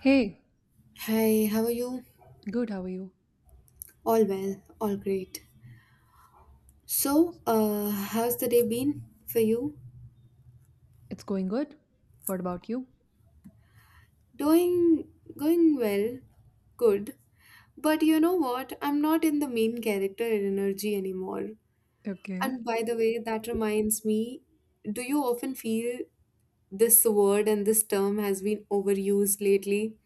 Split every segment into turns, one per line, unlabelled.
Hey,
Hi, how are you?
good, how are you?
All well, all great. So, how's the day been for you?
It's going good. What about you?
Doing, going well, good. But you know what? I'm not in the main character and energy anymore.
Okay.
And by the way, that reminds me, do you often feel this word and this term has been overused lately?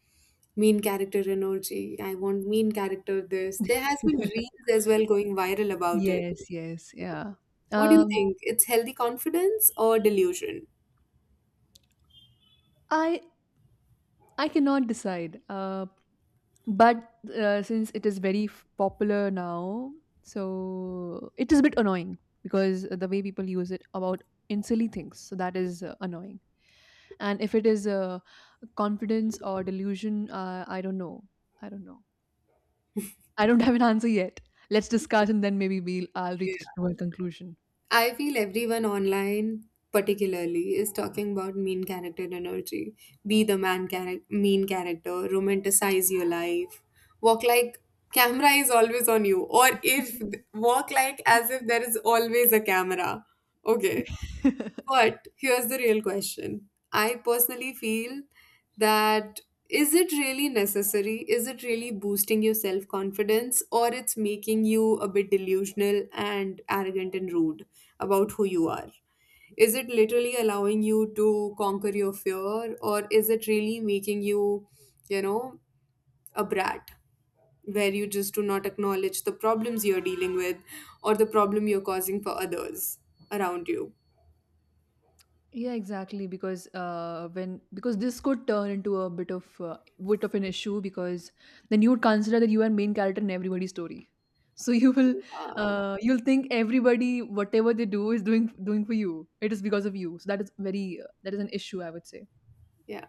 Mean character energy. I want mean character this. There has been reels as well going viral about it.
Yes, yes, yeah.
What do you
Um,
think? It's healthy confidence or delusion?
I I cannot decide. But since it is very popular now, so it is a bit annoying because the way people use it about in silly things. So that is annoying. And if it is confidence or delusion, I don't know. I don't know. I don't have an answer yet. Let's discuss and then maybe we'll I'll reach to a
Yeah.
conclusion.
I feel everyone online, particularly, is talking about mean character energy. Be the mean character, romanticize your life, walk like camera is always on you, or if walk like as if there is always a camera. Okay. But here's the real question. I personally feel that is it really necessary? Is it really boosting your self confidence or it's making you a bit delusional and arrogant and rude about who you are? Is it literally allowing you to conquer your fear or is it really making you, you know, a brat where you just do not acknowledge the problems you're dealing with or the problem you're causing for others around you?
Yeah, exactly. Because this could turn into a bit of an issue because then you would consider that you are main character in everybody's story. So you will
Uh,
you'll think everybody whatever they do is doing for you. It is because of you. So that is very that is an issue I would say.
Yeah.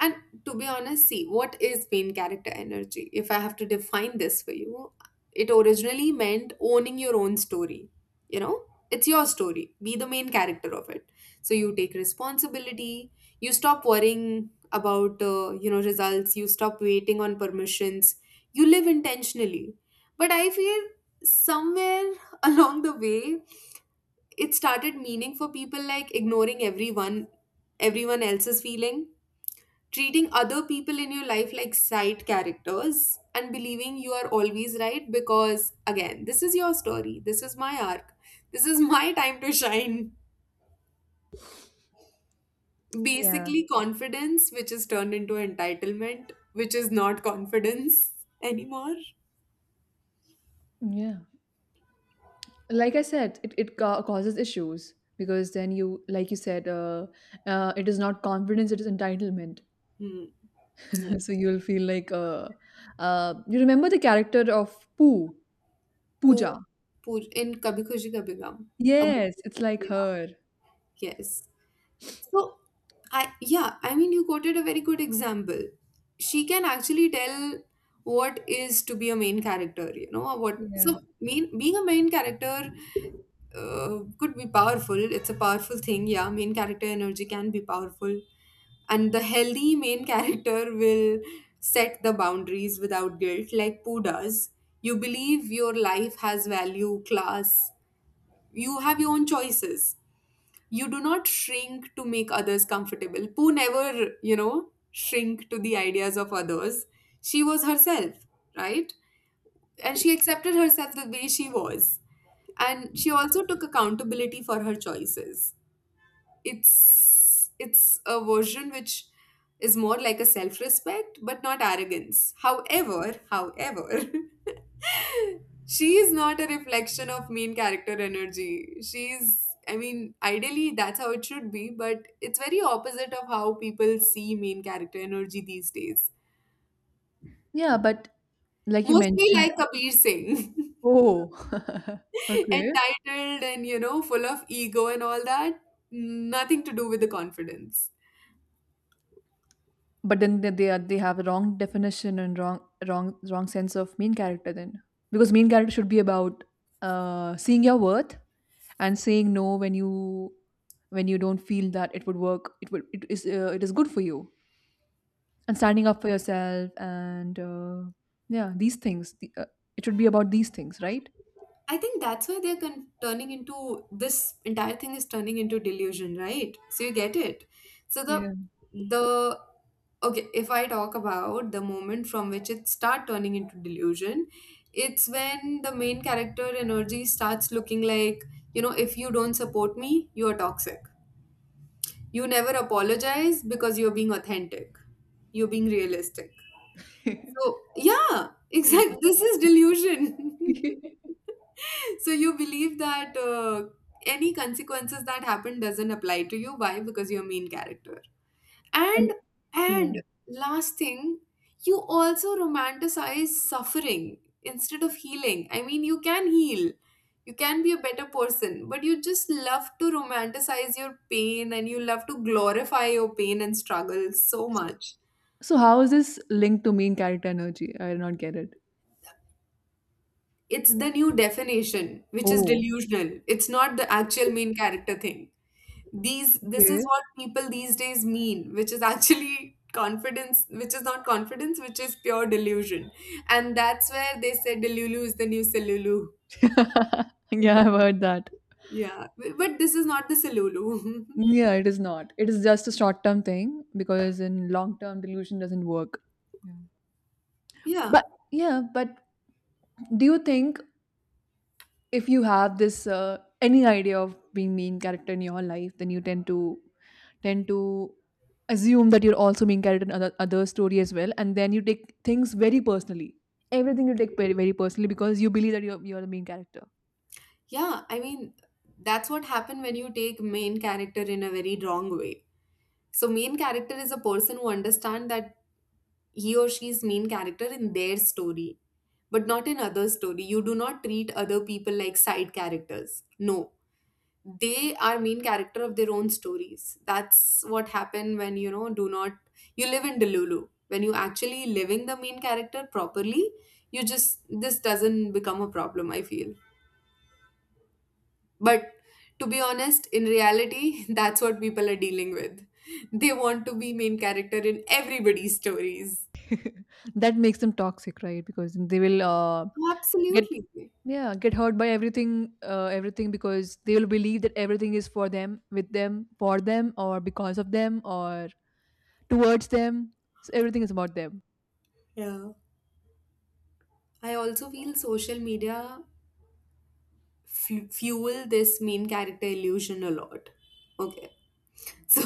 And to be honest, see, what is main character energy? If I have to define this for you, it originally meant owning your own story. You know, it's your story. Be the main character of it. So you take responsibility. You stop worrying about, you know, results. You stop waiting on permissions. You live intentionally. But I feel somewhere along the way, it started meaning for people like ignoring everyone else's feeling, treating other people in your life like side characters and believing you are always right, because again, this is your story, this is my arc, this is my time to shine,
Yeah.
basically confidence which is turned into entitlement, which is not confidence anymore.
Yeah. Like I said, causes issues because then, you like you said, it is not confidence, it is entitlement.
Hmm. Yeah.
So you'll feel like you remember the character of Pooh,
Poor,
Pooja?
poor, in Kabhi Khushi Kabhi Gham. A-
Yes, it's like
yeah.
her.
Yes. So, I yeah, I mean, you quoted a very good example. She can actually tell what is to be a main character, you know, or what
Yeah,
so mean being a main character could be powerful. It's a powerful thing, yeah. Main character energy can be powerful, and the healthy main character will set the boundaries without guilt, like Pooh does. You believe your life has value, class. You have your own choices, you do not shrink to make others comfortable. Pooh never, you know, shrink to the ideas of others. She was herself, right? And she accepted herself the way she was. And she also took accountability for her choices. It's a version which is more like a self-respect, but not arrogance. However, she is not a reflection of main character energy. She's, I mean, ideally that's how it should be, but it's very opposite of how people see main character energy these days.
yeah. But like you
Mostly
mentioned.
like Kabir Singh,
Oh, okay.
entitled and, you know, full of ego and all that. Nothing to do with the confidence.
But then they have a wrong definition and wrong sense of main character then, because main character should be about seeing your worth and saying no when you when you don't feel that it would work it would it is good for you, and standing up for yourself, and yeah, these things, it should be about these things, right?
I think that's why they're turning into this, entire thing is turning into delusion, right? So you get it. So
Yeah.
the okay, if I talk about the moment from which it start turning into delusion, it's when the main character energy starts looking like, you know, if you don't support me, you are toxic. You never apologize because you're being authentic. You're being realistic. So yeah,
Yeah.
exactly. This is delusion. So you believe that any consequences that happen doesn't apply to you, why? Because you're a main character. and
And yeah.
and last thing, you also romanticize suffering instead of healing. I mean, you can heal, you can be a better person, but you just love to romanticize your pain and you love to glorify your pain and struggle so
So,
much.
so how is this linked to main character energy? I do not get it.
It's the new definition which is
Oh.
delusional. It's not the actual main character thing. These this is
Okay.
what people these days mean, which is actually confidence which is not confidence, which is pure delusion. And that's where they say delulu is the new silulu.
Yeah, I've heard that.
Yeah, but this is not the silulu.
Yeah, it is not, it is just a short term thing because in long term, delusion doesn't work. Yeah.
Yeah.
But yeah, but do you think if you have this any idea of being main character in your life, then you tend to assume that you're also main character in other story as well, and then you take things very personally? Everything you take very personally because you believe that you're the main character.
Yeah, I mean that's what happened when you take main character in a very wrong way. So main character is a person who understand that he or she is main character in their story, but not in other story. You do not treat other people like side characters. No, they are main character of their own stories. That's what happen when, you know, do not, you live in delulu. When you actually living the main character properly, you just, this doesn't become a problem, I feel. But to be honest, in reality, that's what people are dealing with. They want to be main character in everybody's stories.
That makes them toxic, right? Because they will get,
Absolutely.
yeah, get hurt by everything, everything, because they will believe that everything is for them, with them, for them, or because of them, or towards them. So everything is about them.
Yeah. I also feel social media fuel this main character illusion a lot. Okay. So,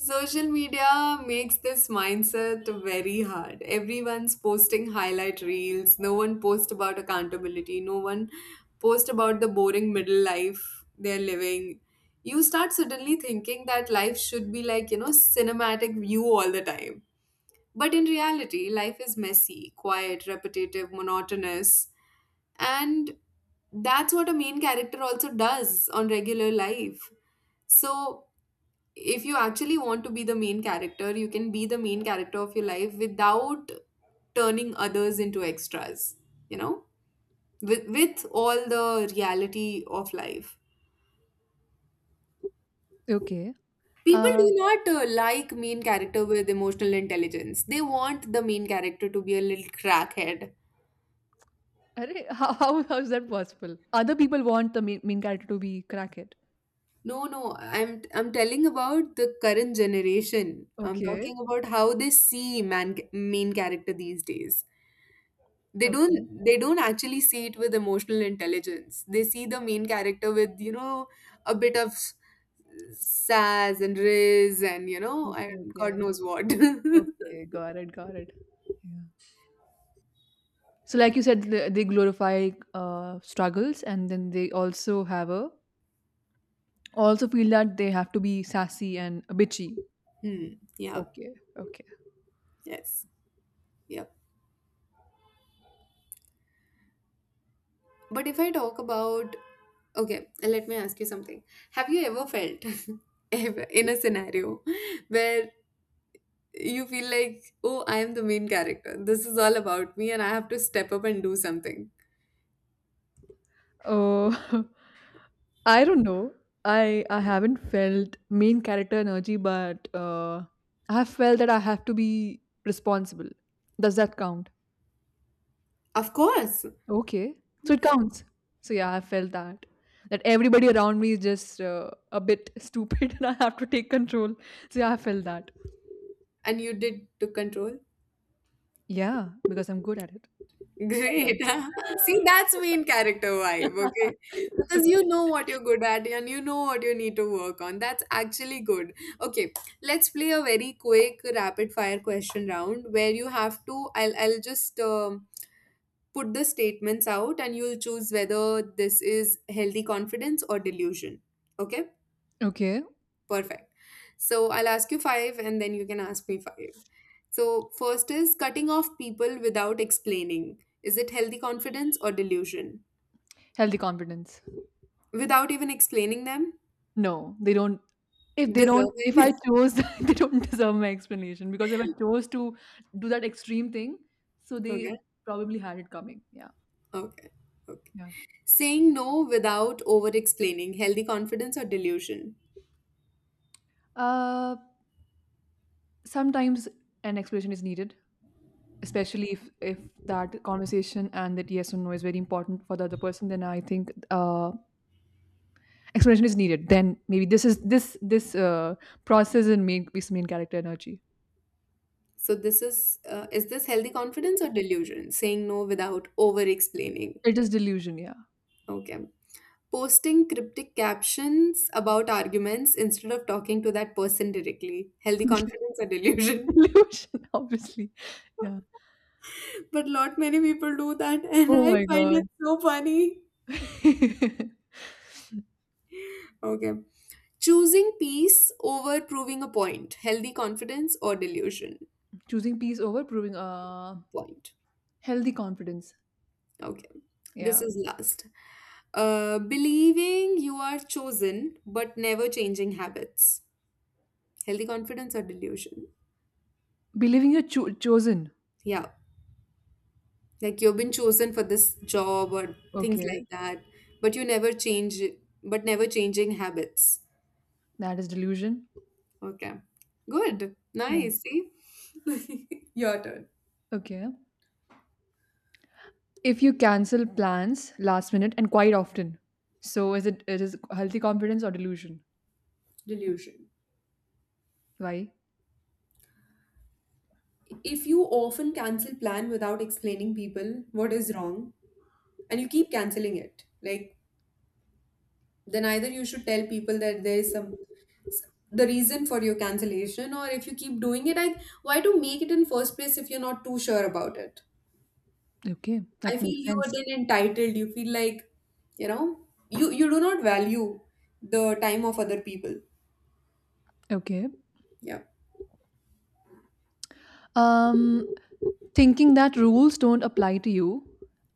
social media makes this mindset very hard. Everyone's posting highlight reels. No one posts about accountability. No one posts about the boring middle life they're living. You start suddenly thinking that life should be like, you know, cinematic view all the time. But in reality, life is messy, quiet, repetitive, monotonous. And that's what a main character also does on regular life. So if you actually want to be the main character, you can be the main character of your life without turning others into extras, you know, with all the reality of life.
Okay.
People
Uh,
do not like main character with emotional intelligence. They want the main character to be a little crackhead.
Arey! How is that possible? Other people want the main character to be crackhead.
No, no, I'm telling about the current generation. I'm
Okay.
talking about how they see man main character these days. they
Okay.
don't they don't actually see it with emotional intelligence. They see the main character with, you know, a bit of sass and riz and, you know,
Okay,
and god
okay.
knows what. Hmm.
Okay, got it, got it. Yeah. So like you said, they glorify struggles, and then they also have a, also feel that they have to be sassy and bitchy.
Yeah.
Okay, okay.
Yes. Yeah. But if I talk about, okay, let me ask you something. Have you ever felt in a scenario where you feel like, oh, I am the main character, this is all about me and I have to step up and do something.
Uh, I don't know. I haven't felt main character energy, but I have felt that I have to be responsible. Does that count?
Of course.
Okay. So it counts. So yeah, I felt that. That everybody around me is just a bit stupid and I have to take control. So yeah, I felt that.
And you did took control.
Yeah, because I'm good at it. Sometimes.
Great. See, that's main character vibe, okay? Because you know what you're good at and you know what you need to work on. That's actually good. Okay, let's play a very quick rapid fire question round where you have to I'll just put the statements out and you'll choose whether this is healthy confidence or delusion. Okay?
Okay. Okay.
Perfect. So I'll ask you five and then you can ask me five. So, first is cutting off people without explaining. Is it healthy confidence or delusion?
Healthy confidence.
Without even explaining them?
No, they don't. If they don't, if I
Deserving.
chose, they don't deserve my explanation, because if I chose to do that extreme thing, so they
Okay.
probably had it coming. Yeah.
Okay. Okay.
Yeah.
Saying no without over explaining. Healthy confidence or delusion?
Uh, Sometimes an explanation is needed, especially if that conversation and that yes or no is very important for the other person, then I think explanation is needed. Then maybe this process and main character energy.
So, this is this healthy confidence or delusion? Saying no without over explaining.
It is delusion, yeah.
Okay. Posting cryptic captions about arguments instead of talking to that person directly. Healthy confidence or delusion.
Delusion, obviously. Yeah.
But lot many people do that and
Oh
I
my
find
god.
it so funny. Okay. Choosing peace over proving a point. Healthy confidence or delusion.
Choosing peace over proving,
Point.
healthy confidence.
Okay. This
Yeah.
is last. Believing you are chosen but never changing habits. Healthy confidence or delusion.
Believing chosen.
Yeah. Like you've been chosen for this job or things
Okay.
like that, but you never change, but never changing habits.
That is delusion.
Okay. Good.
Yeah.
Nice. See? Your turn.
Okay, if you cancel plans last minute and quite often, so is it, it is healthy confidence or delusion?
Delusion.
Why?
If you often cancel plan without explaining people what is wrong and you keep canceling it, like, then either you should tell people that there is some the reason for your cancellation, or if you keep doing it, I, why to make it in first place if you're not too sure about it?
Okay,
I
that
feel
makes
you are
sense.
then entitled. You feel like, you know, you do not value the time of other people.
Okay.
Yeah.
um Thinking that rules don't apply to you,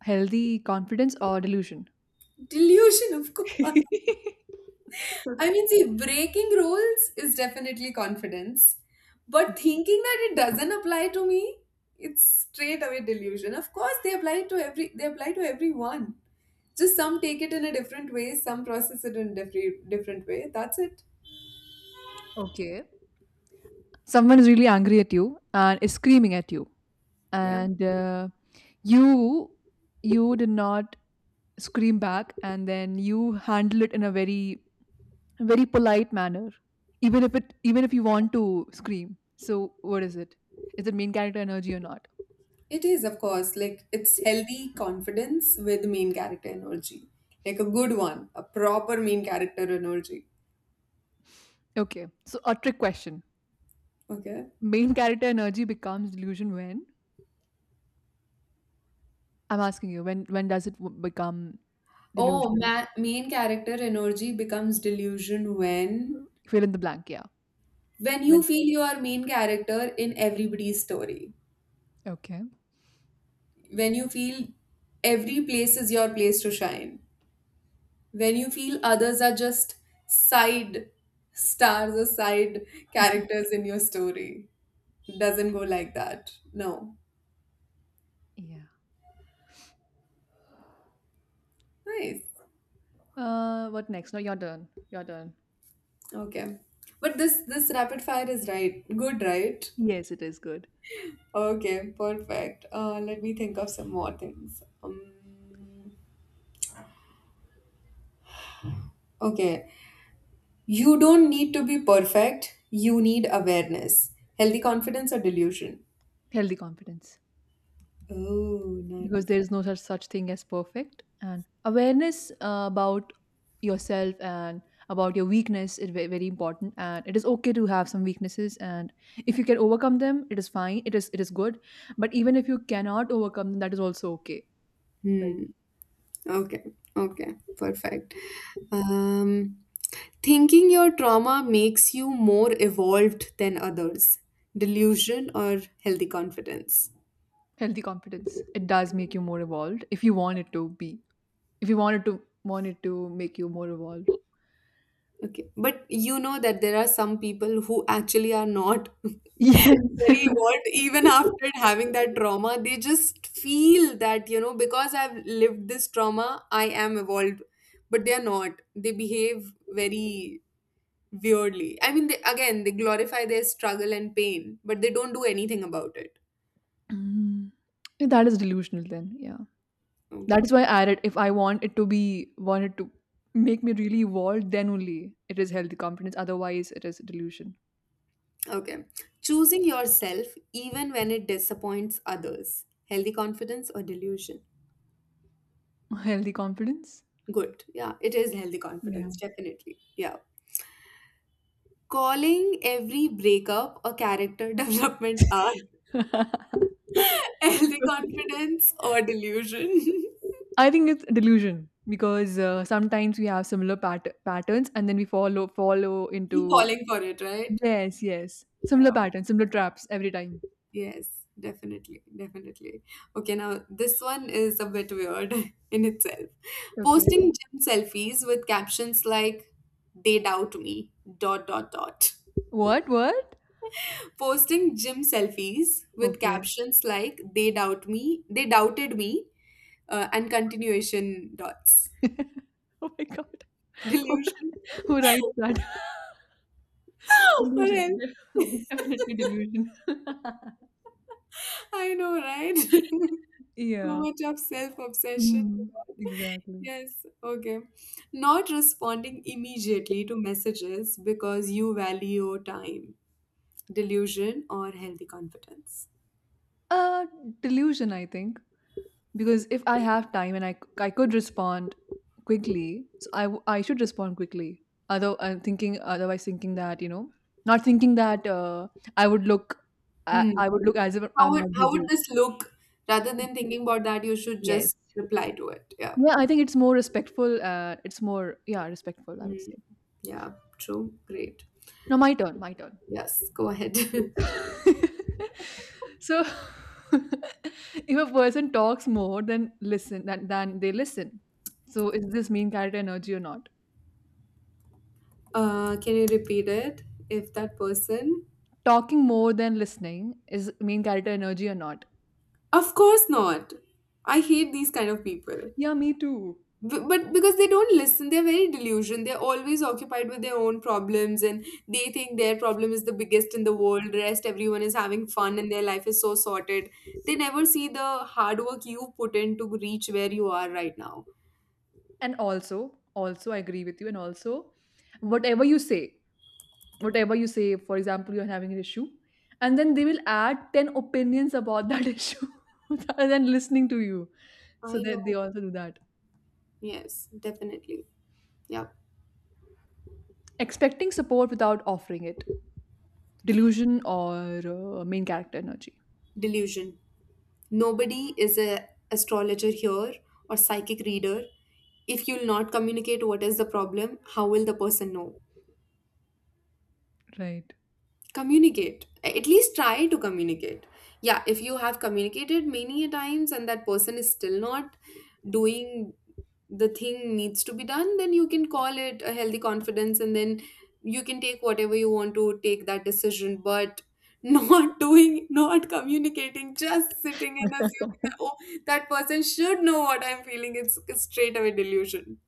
healthy confidence or delusion?
Delusion, of course. I
Okay.
mean, see, breaking rules is definitely confidence. But thinking that it doesn't apply to me, it's straight away delusion. Of course, they apply to everyone. Just some take it in a different way, some process it in a different way. That's it.
Okay. Someone is really angry at you and is screaming at you,
Yeah.
and you you did not scream back, and then you handle it in a very, a very polite manner, even if it even if you want to scream. So what is it? Is it main character energy or not?
It is, of course, like it's healthy confidence with main character energy, like a good one, a proper main character energy.
Okay, so a trick question.
Okay.
Main character energy becomes delusion when, I'm asking you, when does it become
Oh,
delusional?
main character energy becomes delusion when
Fill in the blank. Yeah.
when you
When.
feel you are main character in everybody's story.
Okay.
When you feel every place is your place to shine. When you feel others are just side stars or side characters in your story. Doesn't go like that. No.
Yeah.
Nice.
What next? No, your turn. Your turn.
Okay. But this rapid fire is right. Good, right?
Yes, it is good.
Okay, perfect. Let me think of some more things. Okay. You don't need to be perfect. You need awareness. Healthy confidence or delusion?
Healthy confidence,
Oh,
because
nice.
there is no such thing as perfect, and awareness about yourself and about your weakness is very important, and it is okay to have some weaknesses, and if you can overcome them, it is fine, it is, it is good. But even if you cannot overcome them, that is also okay, right?
Hmm. Okay. Okay. Perfect. Um, Thinking your trauma makes you more evolved than others. Delusion or healthy confidence?
Healthy confidence. It does make you more evolved if you want it to be, if you want it to make you more evolved.
Okay, but you know that there are some people who actually are not
Yeah.
very evolved, even after having that trauma. They just feel that, you know, because I've lived this trauma, I am evolved. But they are not. They behave very weirdly. I mean, they, again, they glorify their struggle and pain, but they don't do anything about it.
Mm. That is delusional then, yeah. That
Okay,
is why I added, if I want it to be want it to make me really evolved, then only it is healthy confidence. Otherwise, it is delusion.
okay. Choosing yourself even when it disappoints others. Healthy confidence or delusion?
Healthy confidence?
Good. Yeah, it is healthy
Yeah.
confidence, definitely. Yeah. Calling every breakup a character development arc. Healthy confidence or delusion?
I think it's delusion, because sometimes we have similar patterns and then we follow
Keep
into,
falling for it, right?
yes, yes, similar
Yeah.
patterns, similar traps every time.
Yes, definitely. Definitely. Okay, now this one is a bit weird in itself.
Okay.
Posting gym selfies with captions like, they doubt me, dot, dot, dot.
What, what?
Posting gym selfies with
Okay.
captions like, they doubt me, they doubted me and continuation dots.
Oh my god.
Delusion.
Who writes that?
What
Delusion.
else?
Definitely delusion.
I know, right? Too
Yeah.
much of self obsession.
Mhm. Exactly.
Yes, okay. Not responding immediately to messages because you value your time. Delusion, or healthy confidence?
Uh, Delusion, I think, because if I have time and I could respond quickly, so I should respond quickly. Although I'm thinking, otherwise thinking that, you know, not thinking that I would look,
Hmm.
I would look as if
How
I'm
would
not
how would
busy.
this look? Rather than thinking about that, you should
Yes.
just reply to it. Yeah.
Yeah, I think it's more respectful. It's more, yeah, respectful, I would
Hmm.
say.
Yeah. True. Great.
Now my turn. My turn.
Yes. Go ahead.
So, if a person talks more than than they listen, so is this mean character energy or not?
Can you repeat it? If that person.
Talking more than listening is mean character energy or not?
Of course not. I hate these kind of people.
Yeah, me too.
But because they don't listen, they're very delusional. They're always occupied with their own problems and they think their problem is the biggest in the world. Rest, everyone is having fun and their life is so sorted. They never see the hard work you put in to reach where you are right now.
And also, also I agree with you. And also, whatever you say whatever you say, for example, you're having an issue, and then they will add 10 opinions about that issue, rather than listening to you. So
I
that they
know.
also do that.
Yes, definitely. Yeah.
Expecting support without offering it, delusion or main character energy.
Delusion. Nobody is a astrologer here or psychic reader. If you'll not communicate what is the problem, how will the person know?
Right.
Communicate, at least try to communicate. Yeah, if you have communicated many a times and that person is still not doing the thing needs to be done, then you can call it a healthy confidence and then you can take whatever you want to take that decision. But not doing, not communicating, just sitting and assuming that, oh, that person should know what I'm feeling, it's straight away delusion.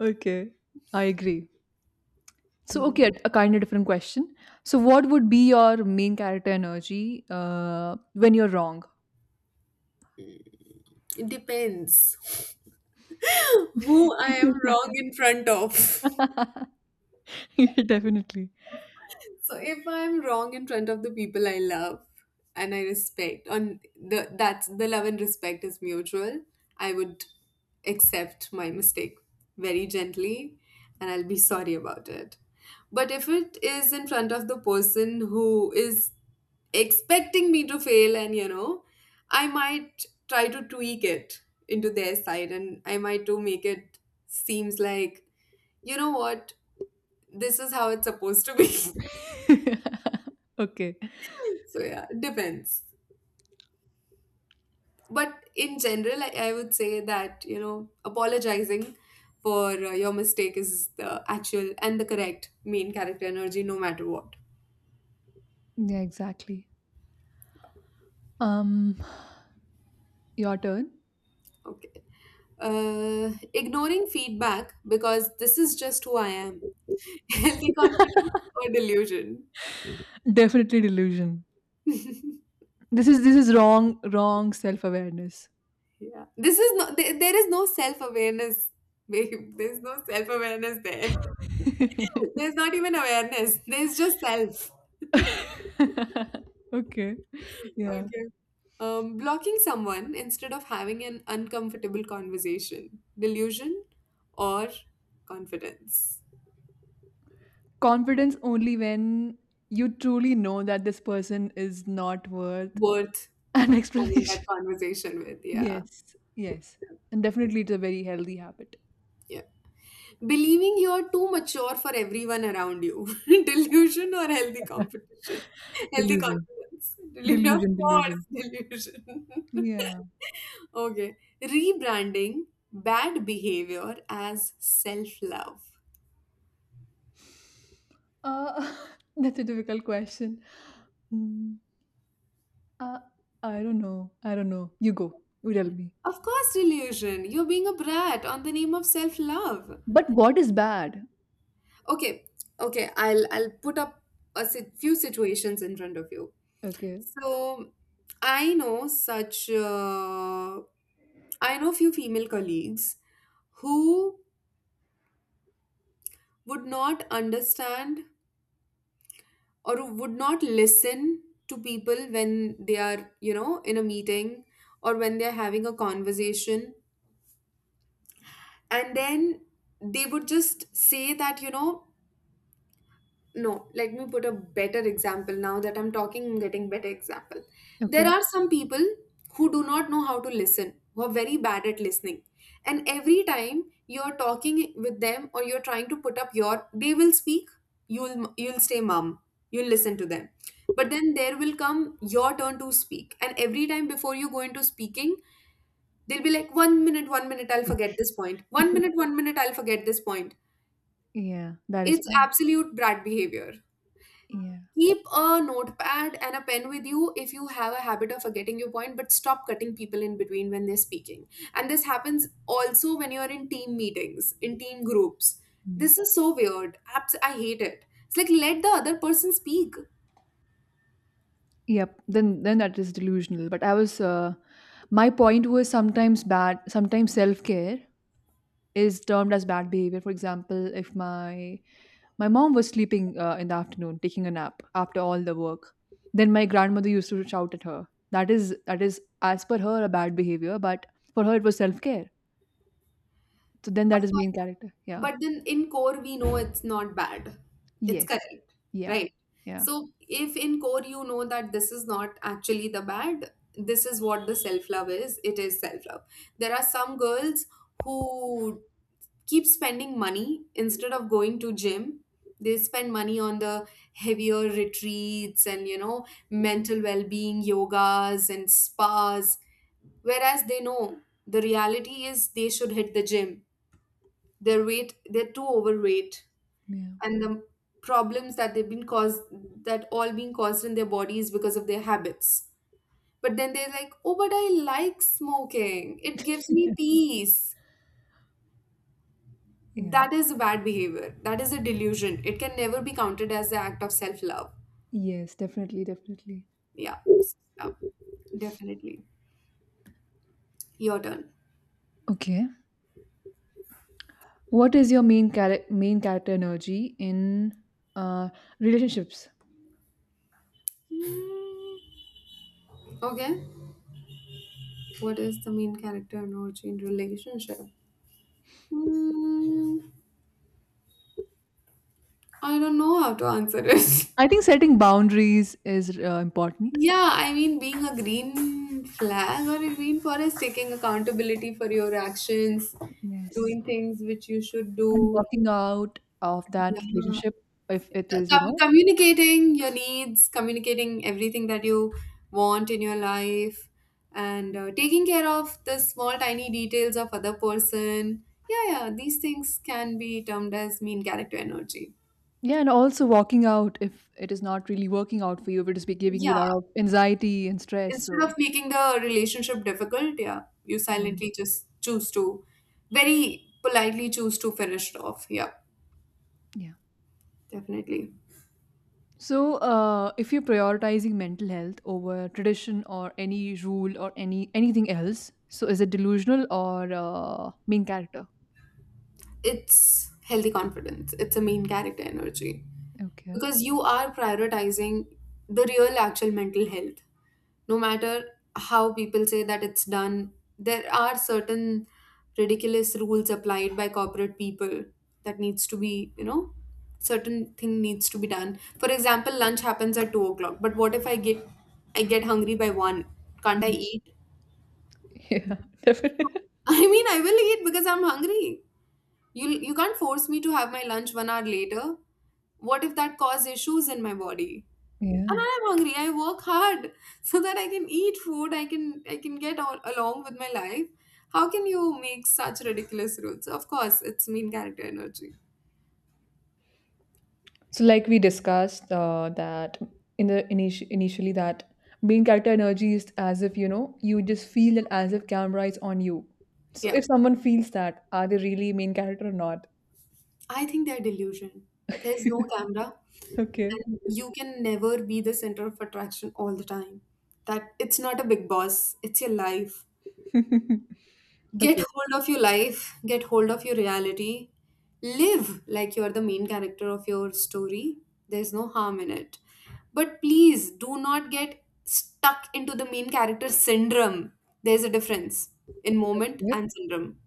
Okay. I agree. So,
Hmm.
okay, a kind of different question. So, what would be your main character energy when you're wrong?
It depends who I am wrong in front of.
Yeah, definitely.
So if I'm wrong in front of the people I love and I respect, on the that's the love and respect is mutual. I would accept my mistake very gently, and I'll be sorry about it. But if it is in front of the person who is expecting me to fail, and you know, I might try to tweak it into their side, and I might to make it seems like, you know what, this is how it's supposed to be.
Okay.
So yeah, it depends. But in general, I would say that, you know, apologizing for your mistake is the actual and the correct main character energy, no matter what.
Yeah, exactly. Um, your turn.
Okay. Ignoring feedback because this is just who I am. Healthy confidence or delusion?
Definitely delusion. This is, this is wrong, self awareness.
Yeah. This is no, there is no self awareness, babe. There's no self awareness there. There's not even awareness. There's just self.
Okay. Yeah.
Okay. Blocking someone instead of having an uncomfortable conversation. Delusion or confidence?
Confidence, only when you truly know that this person is not worth
Worth
an
having
explanation.
that conversation with. Yeah.
Yes, yes. And definitely it's a very healthy habit.
Yeah. Believing you're too mature for everyone around you. Delusion or healthy competition? Healthy
Delusion.
confidence. Delusion, of course,
Delusion.
delusion.
Yeah.
Okay. Rebranding bad behavior as self love.
Uh, that's a difficult question. Mm, uh, I don't know. I don't know. You go. You tell me.
Of course, delusion. You're being a brat on the name of self love.
But what is bad?
Okay, okay, I'll put up few situations in front of you.
Okay.
So I know such I know few female colleagues who would not understand, or who would not listen to people when they are, you know, in a meeting or when they're having a conversation, and then they would just say that, you know, no, let me put a better example. Now that I'm talking, I'm getting better example. There
Okay.
are some people who do not know how to listen, who are very bad at listening, and every time you're talking with them or you're trying to put up your, they will speak. You'll stay mum, you'll listen to them, but then there will come your turn to speak, and every time before you go into speaking, they'll be like, one minute, one minute, I'll forget this point, one minute, one minute, I'll forget this point.
Yeah, that is
It's
bad.
absolute brat behavior.
Yeah.
Keep a notepad and a pen with you if you have a habit of forgetting your point, but stop cutting people in between when they're speaking. And this happens also when you're in team meetings, in team groups.
Yeah.
This is so weird. I hate it. It's like, let the other person speak.
Yep, then that is delusional. But I was My point was, sometimes bad, sometimes self-care is termed as bad behavior. For example, if my mom was sleeping in the afternoon, taking a nap after all the work, then my grandmother used to shout at her. That is, as per her, a bad behavior, but for her it was self-care. So then that
Of.
is main character. Yeah.
But then in core, we know it's not bad. It's
Yes.
correct,
Yeah.
right?
Yeah.
So if in core you know that this is not actually the bad, this is what the self love is. It is self love. There are some girls who keep spending money instead of going to gym. They spend money on the heavier retreats and, you know, mental well-being yogas and spas, whereas they know the reality is they should hit the gym. Their weight, they're too overweight,
Yeah.
and the problems that they've been caused, that all being caused in their bodies because of their habits, but then they're like, oh, but I like smoking, it gives me peace.
Yeah.
That is a bad behavior, that is a delusion, it can never be counted as an act of self-love.
Yes, definitely, definitely.
Yeah. So, yeah, definitely. Your turn.
Okay. What is your main character energy in uh, relationships?
Okay, what is the main character analogy in relationship? Hmm, I don't know how to answer it.
I think setting boundaries is important.
Yeah, I mean, being a green flag or a green forest, taking accountability for your actions,
Yes,
doing things which you should
and
do.
walking out of that
Yeah.
relationship if it is, you know.
Communicating your needs, communicating everything that you want in your life, and taking care of the small, tiny details of other person. Yeah, yeah, these things can be termed as mean character energy.
Yeah, and also walking out if it is not really working out for you, if it is be giving you a lot
Yeah,
of anxiety and stress.
instead
So
of making the relationship difficult, yeah, you
yeah.
silently just choose to, very politely choose to finish it off. Yeah,
Yeah.
definitely.
So if you're prioritizing mental health over tradition or any rule or any anything else, so is it delusional or main character?
It's healthy confidence. It's a main character energy.
Okay.
Because you are prioritizing the real actual mental health, no matter how people say that it's done. There are certain ridiculous rules applied by corporate people that needs to be, you know, certain thing needs to be done. For example, lunch happens at 2 o'clock, but what if I get hungry by 1? Can't I
Mm.
eat?
Yeah, definitely.
I mean, I will eat because I'm hungry. You can't force me to have my lunch one hour later. What if that causes issues in my body? And
Yeah.
I'm hungry. I work hard so that I can eat food. I can get all, along with my life. How can you make such ridiculous rules? Of course, it's mean character energy.
So, like we discussed, that, initially, that main character energy is as if, you know, you just feel it as if camera is on you. So,
Yeah,
if someone feels that, are they really main character or not?
I think they're delusion. There's no camera,
Okay.
and you can never be the center of attraction all the time. That, it's not a big boss. It's your life. Get
Okay.
hold of your life, get hold of your reality. Live like you are the main character of your story. There's no harm in it, but please do not get stuck into the main character syndrome. There's a difference in moment
Yeah.
and syndrome.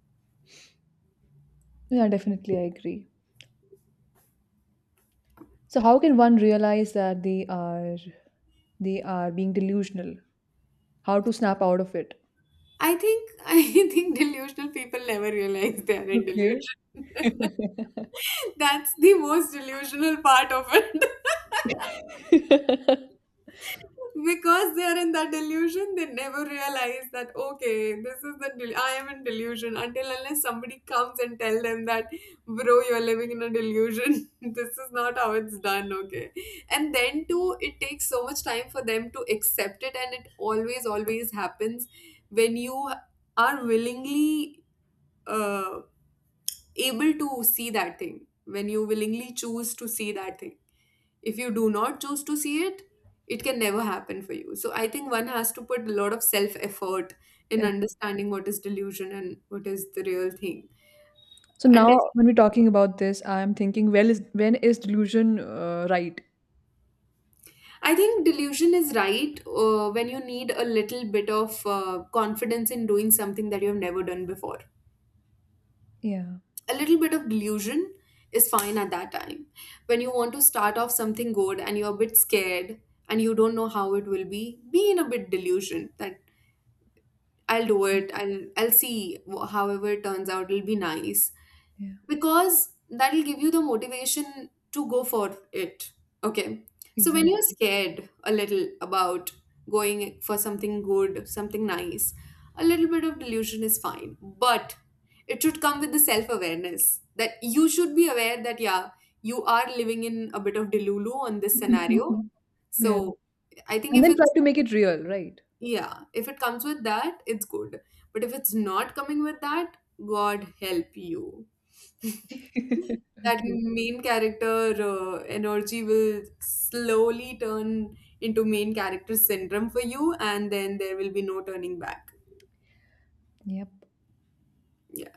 Yeah, definitely, I agree. So, how can one realize that they are being delusional? How to snap out of it?
I think I think delusional people never realize they are in
Okay.
delusion. That's the most delusional part of it. Because they are in that delusion, they never realize that, okay, this is the I am in delusion, until unless somebody comes and tell them that, bro, you are living in a delusion. This is not how it's done, okay? And then too, it takes so much time for them to accept it, and it always always happens when you are willingly uh, able to see that thing, when you willingly choose to see that thing. If you do not choose to see it, it can never happen for you. So I think one has to put a lot of self effort in
Okay.
understanding what is delusion and what is the real thing.
So
And if,
now, when we're talking about this, I'm thinking, well, is, when is delusion right?
I think delusion is right when you need a little bit of confidence in doing something that you have never done before.
Yeah.
A little bit of delusion is fine at that time, when you want to start off something good and you're a bit scared and you don't know how it will be. Be in a bit delusion that I'll do
Mm,
it. I'll see however it turns out. It'll be nice,
yeah,
because that'll give you the motivation to go for it. Okay. So when you're
exactly.
scared a little about going for something good, something nice, a little bit of delusion is fine. But it should come with the self-awareness, that you should be aware that yeah, you are living in a bit of delulu on this scenario.
Yeah.
So I think
And
if
then try
it's,
to make it real, right?
yeah, if it comes with that, it's good. But if it's not coming with that, God help you. That
Okay.
main character energy will slowly turn into main character syndrome for you, and then there will be no turning back.
Yep.
Yeah.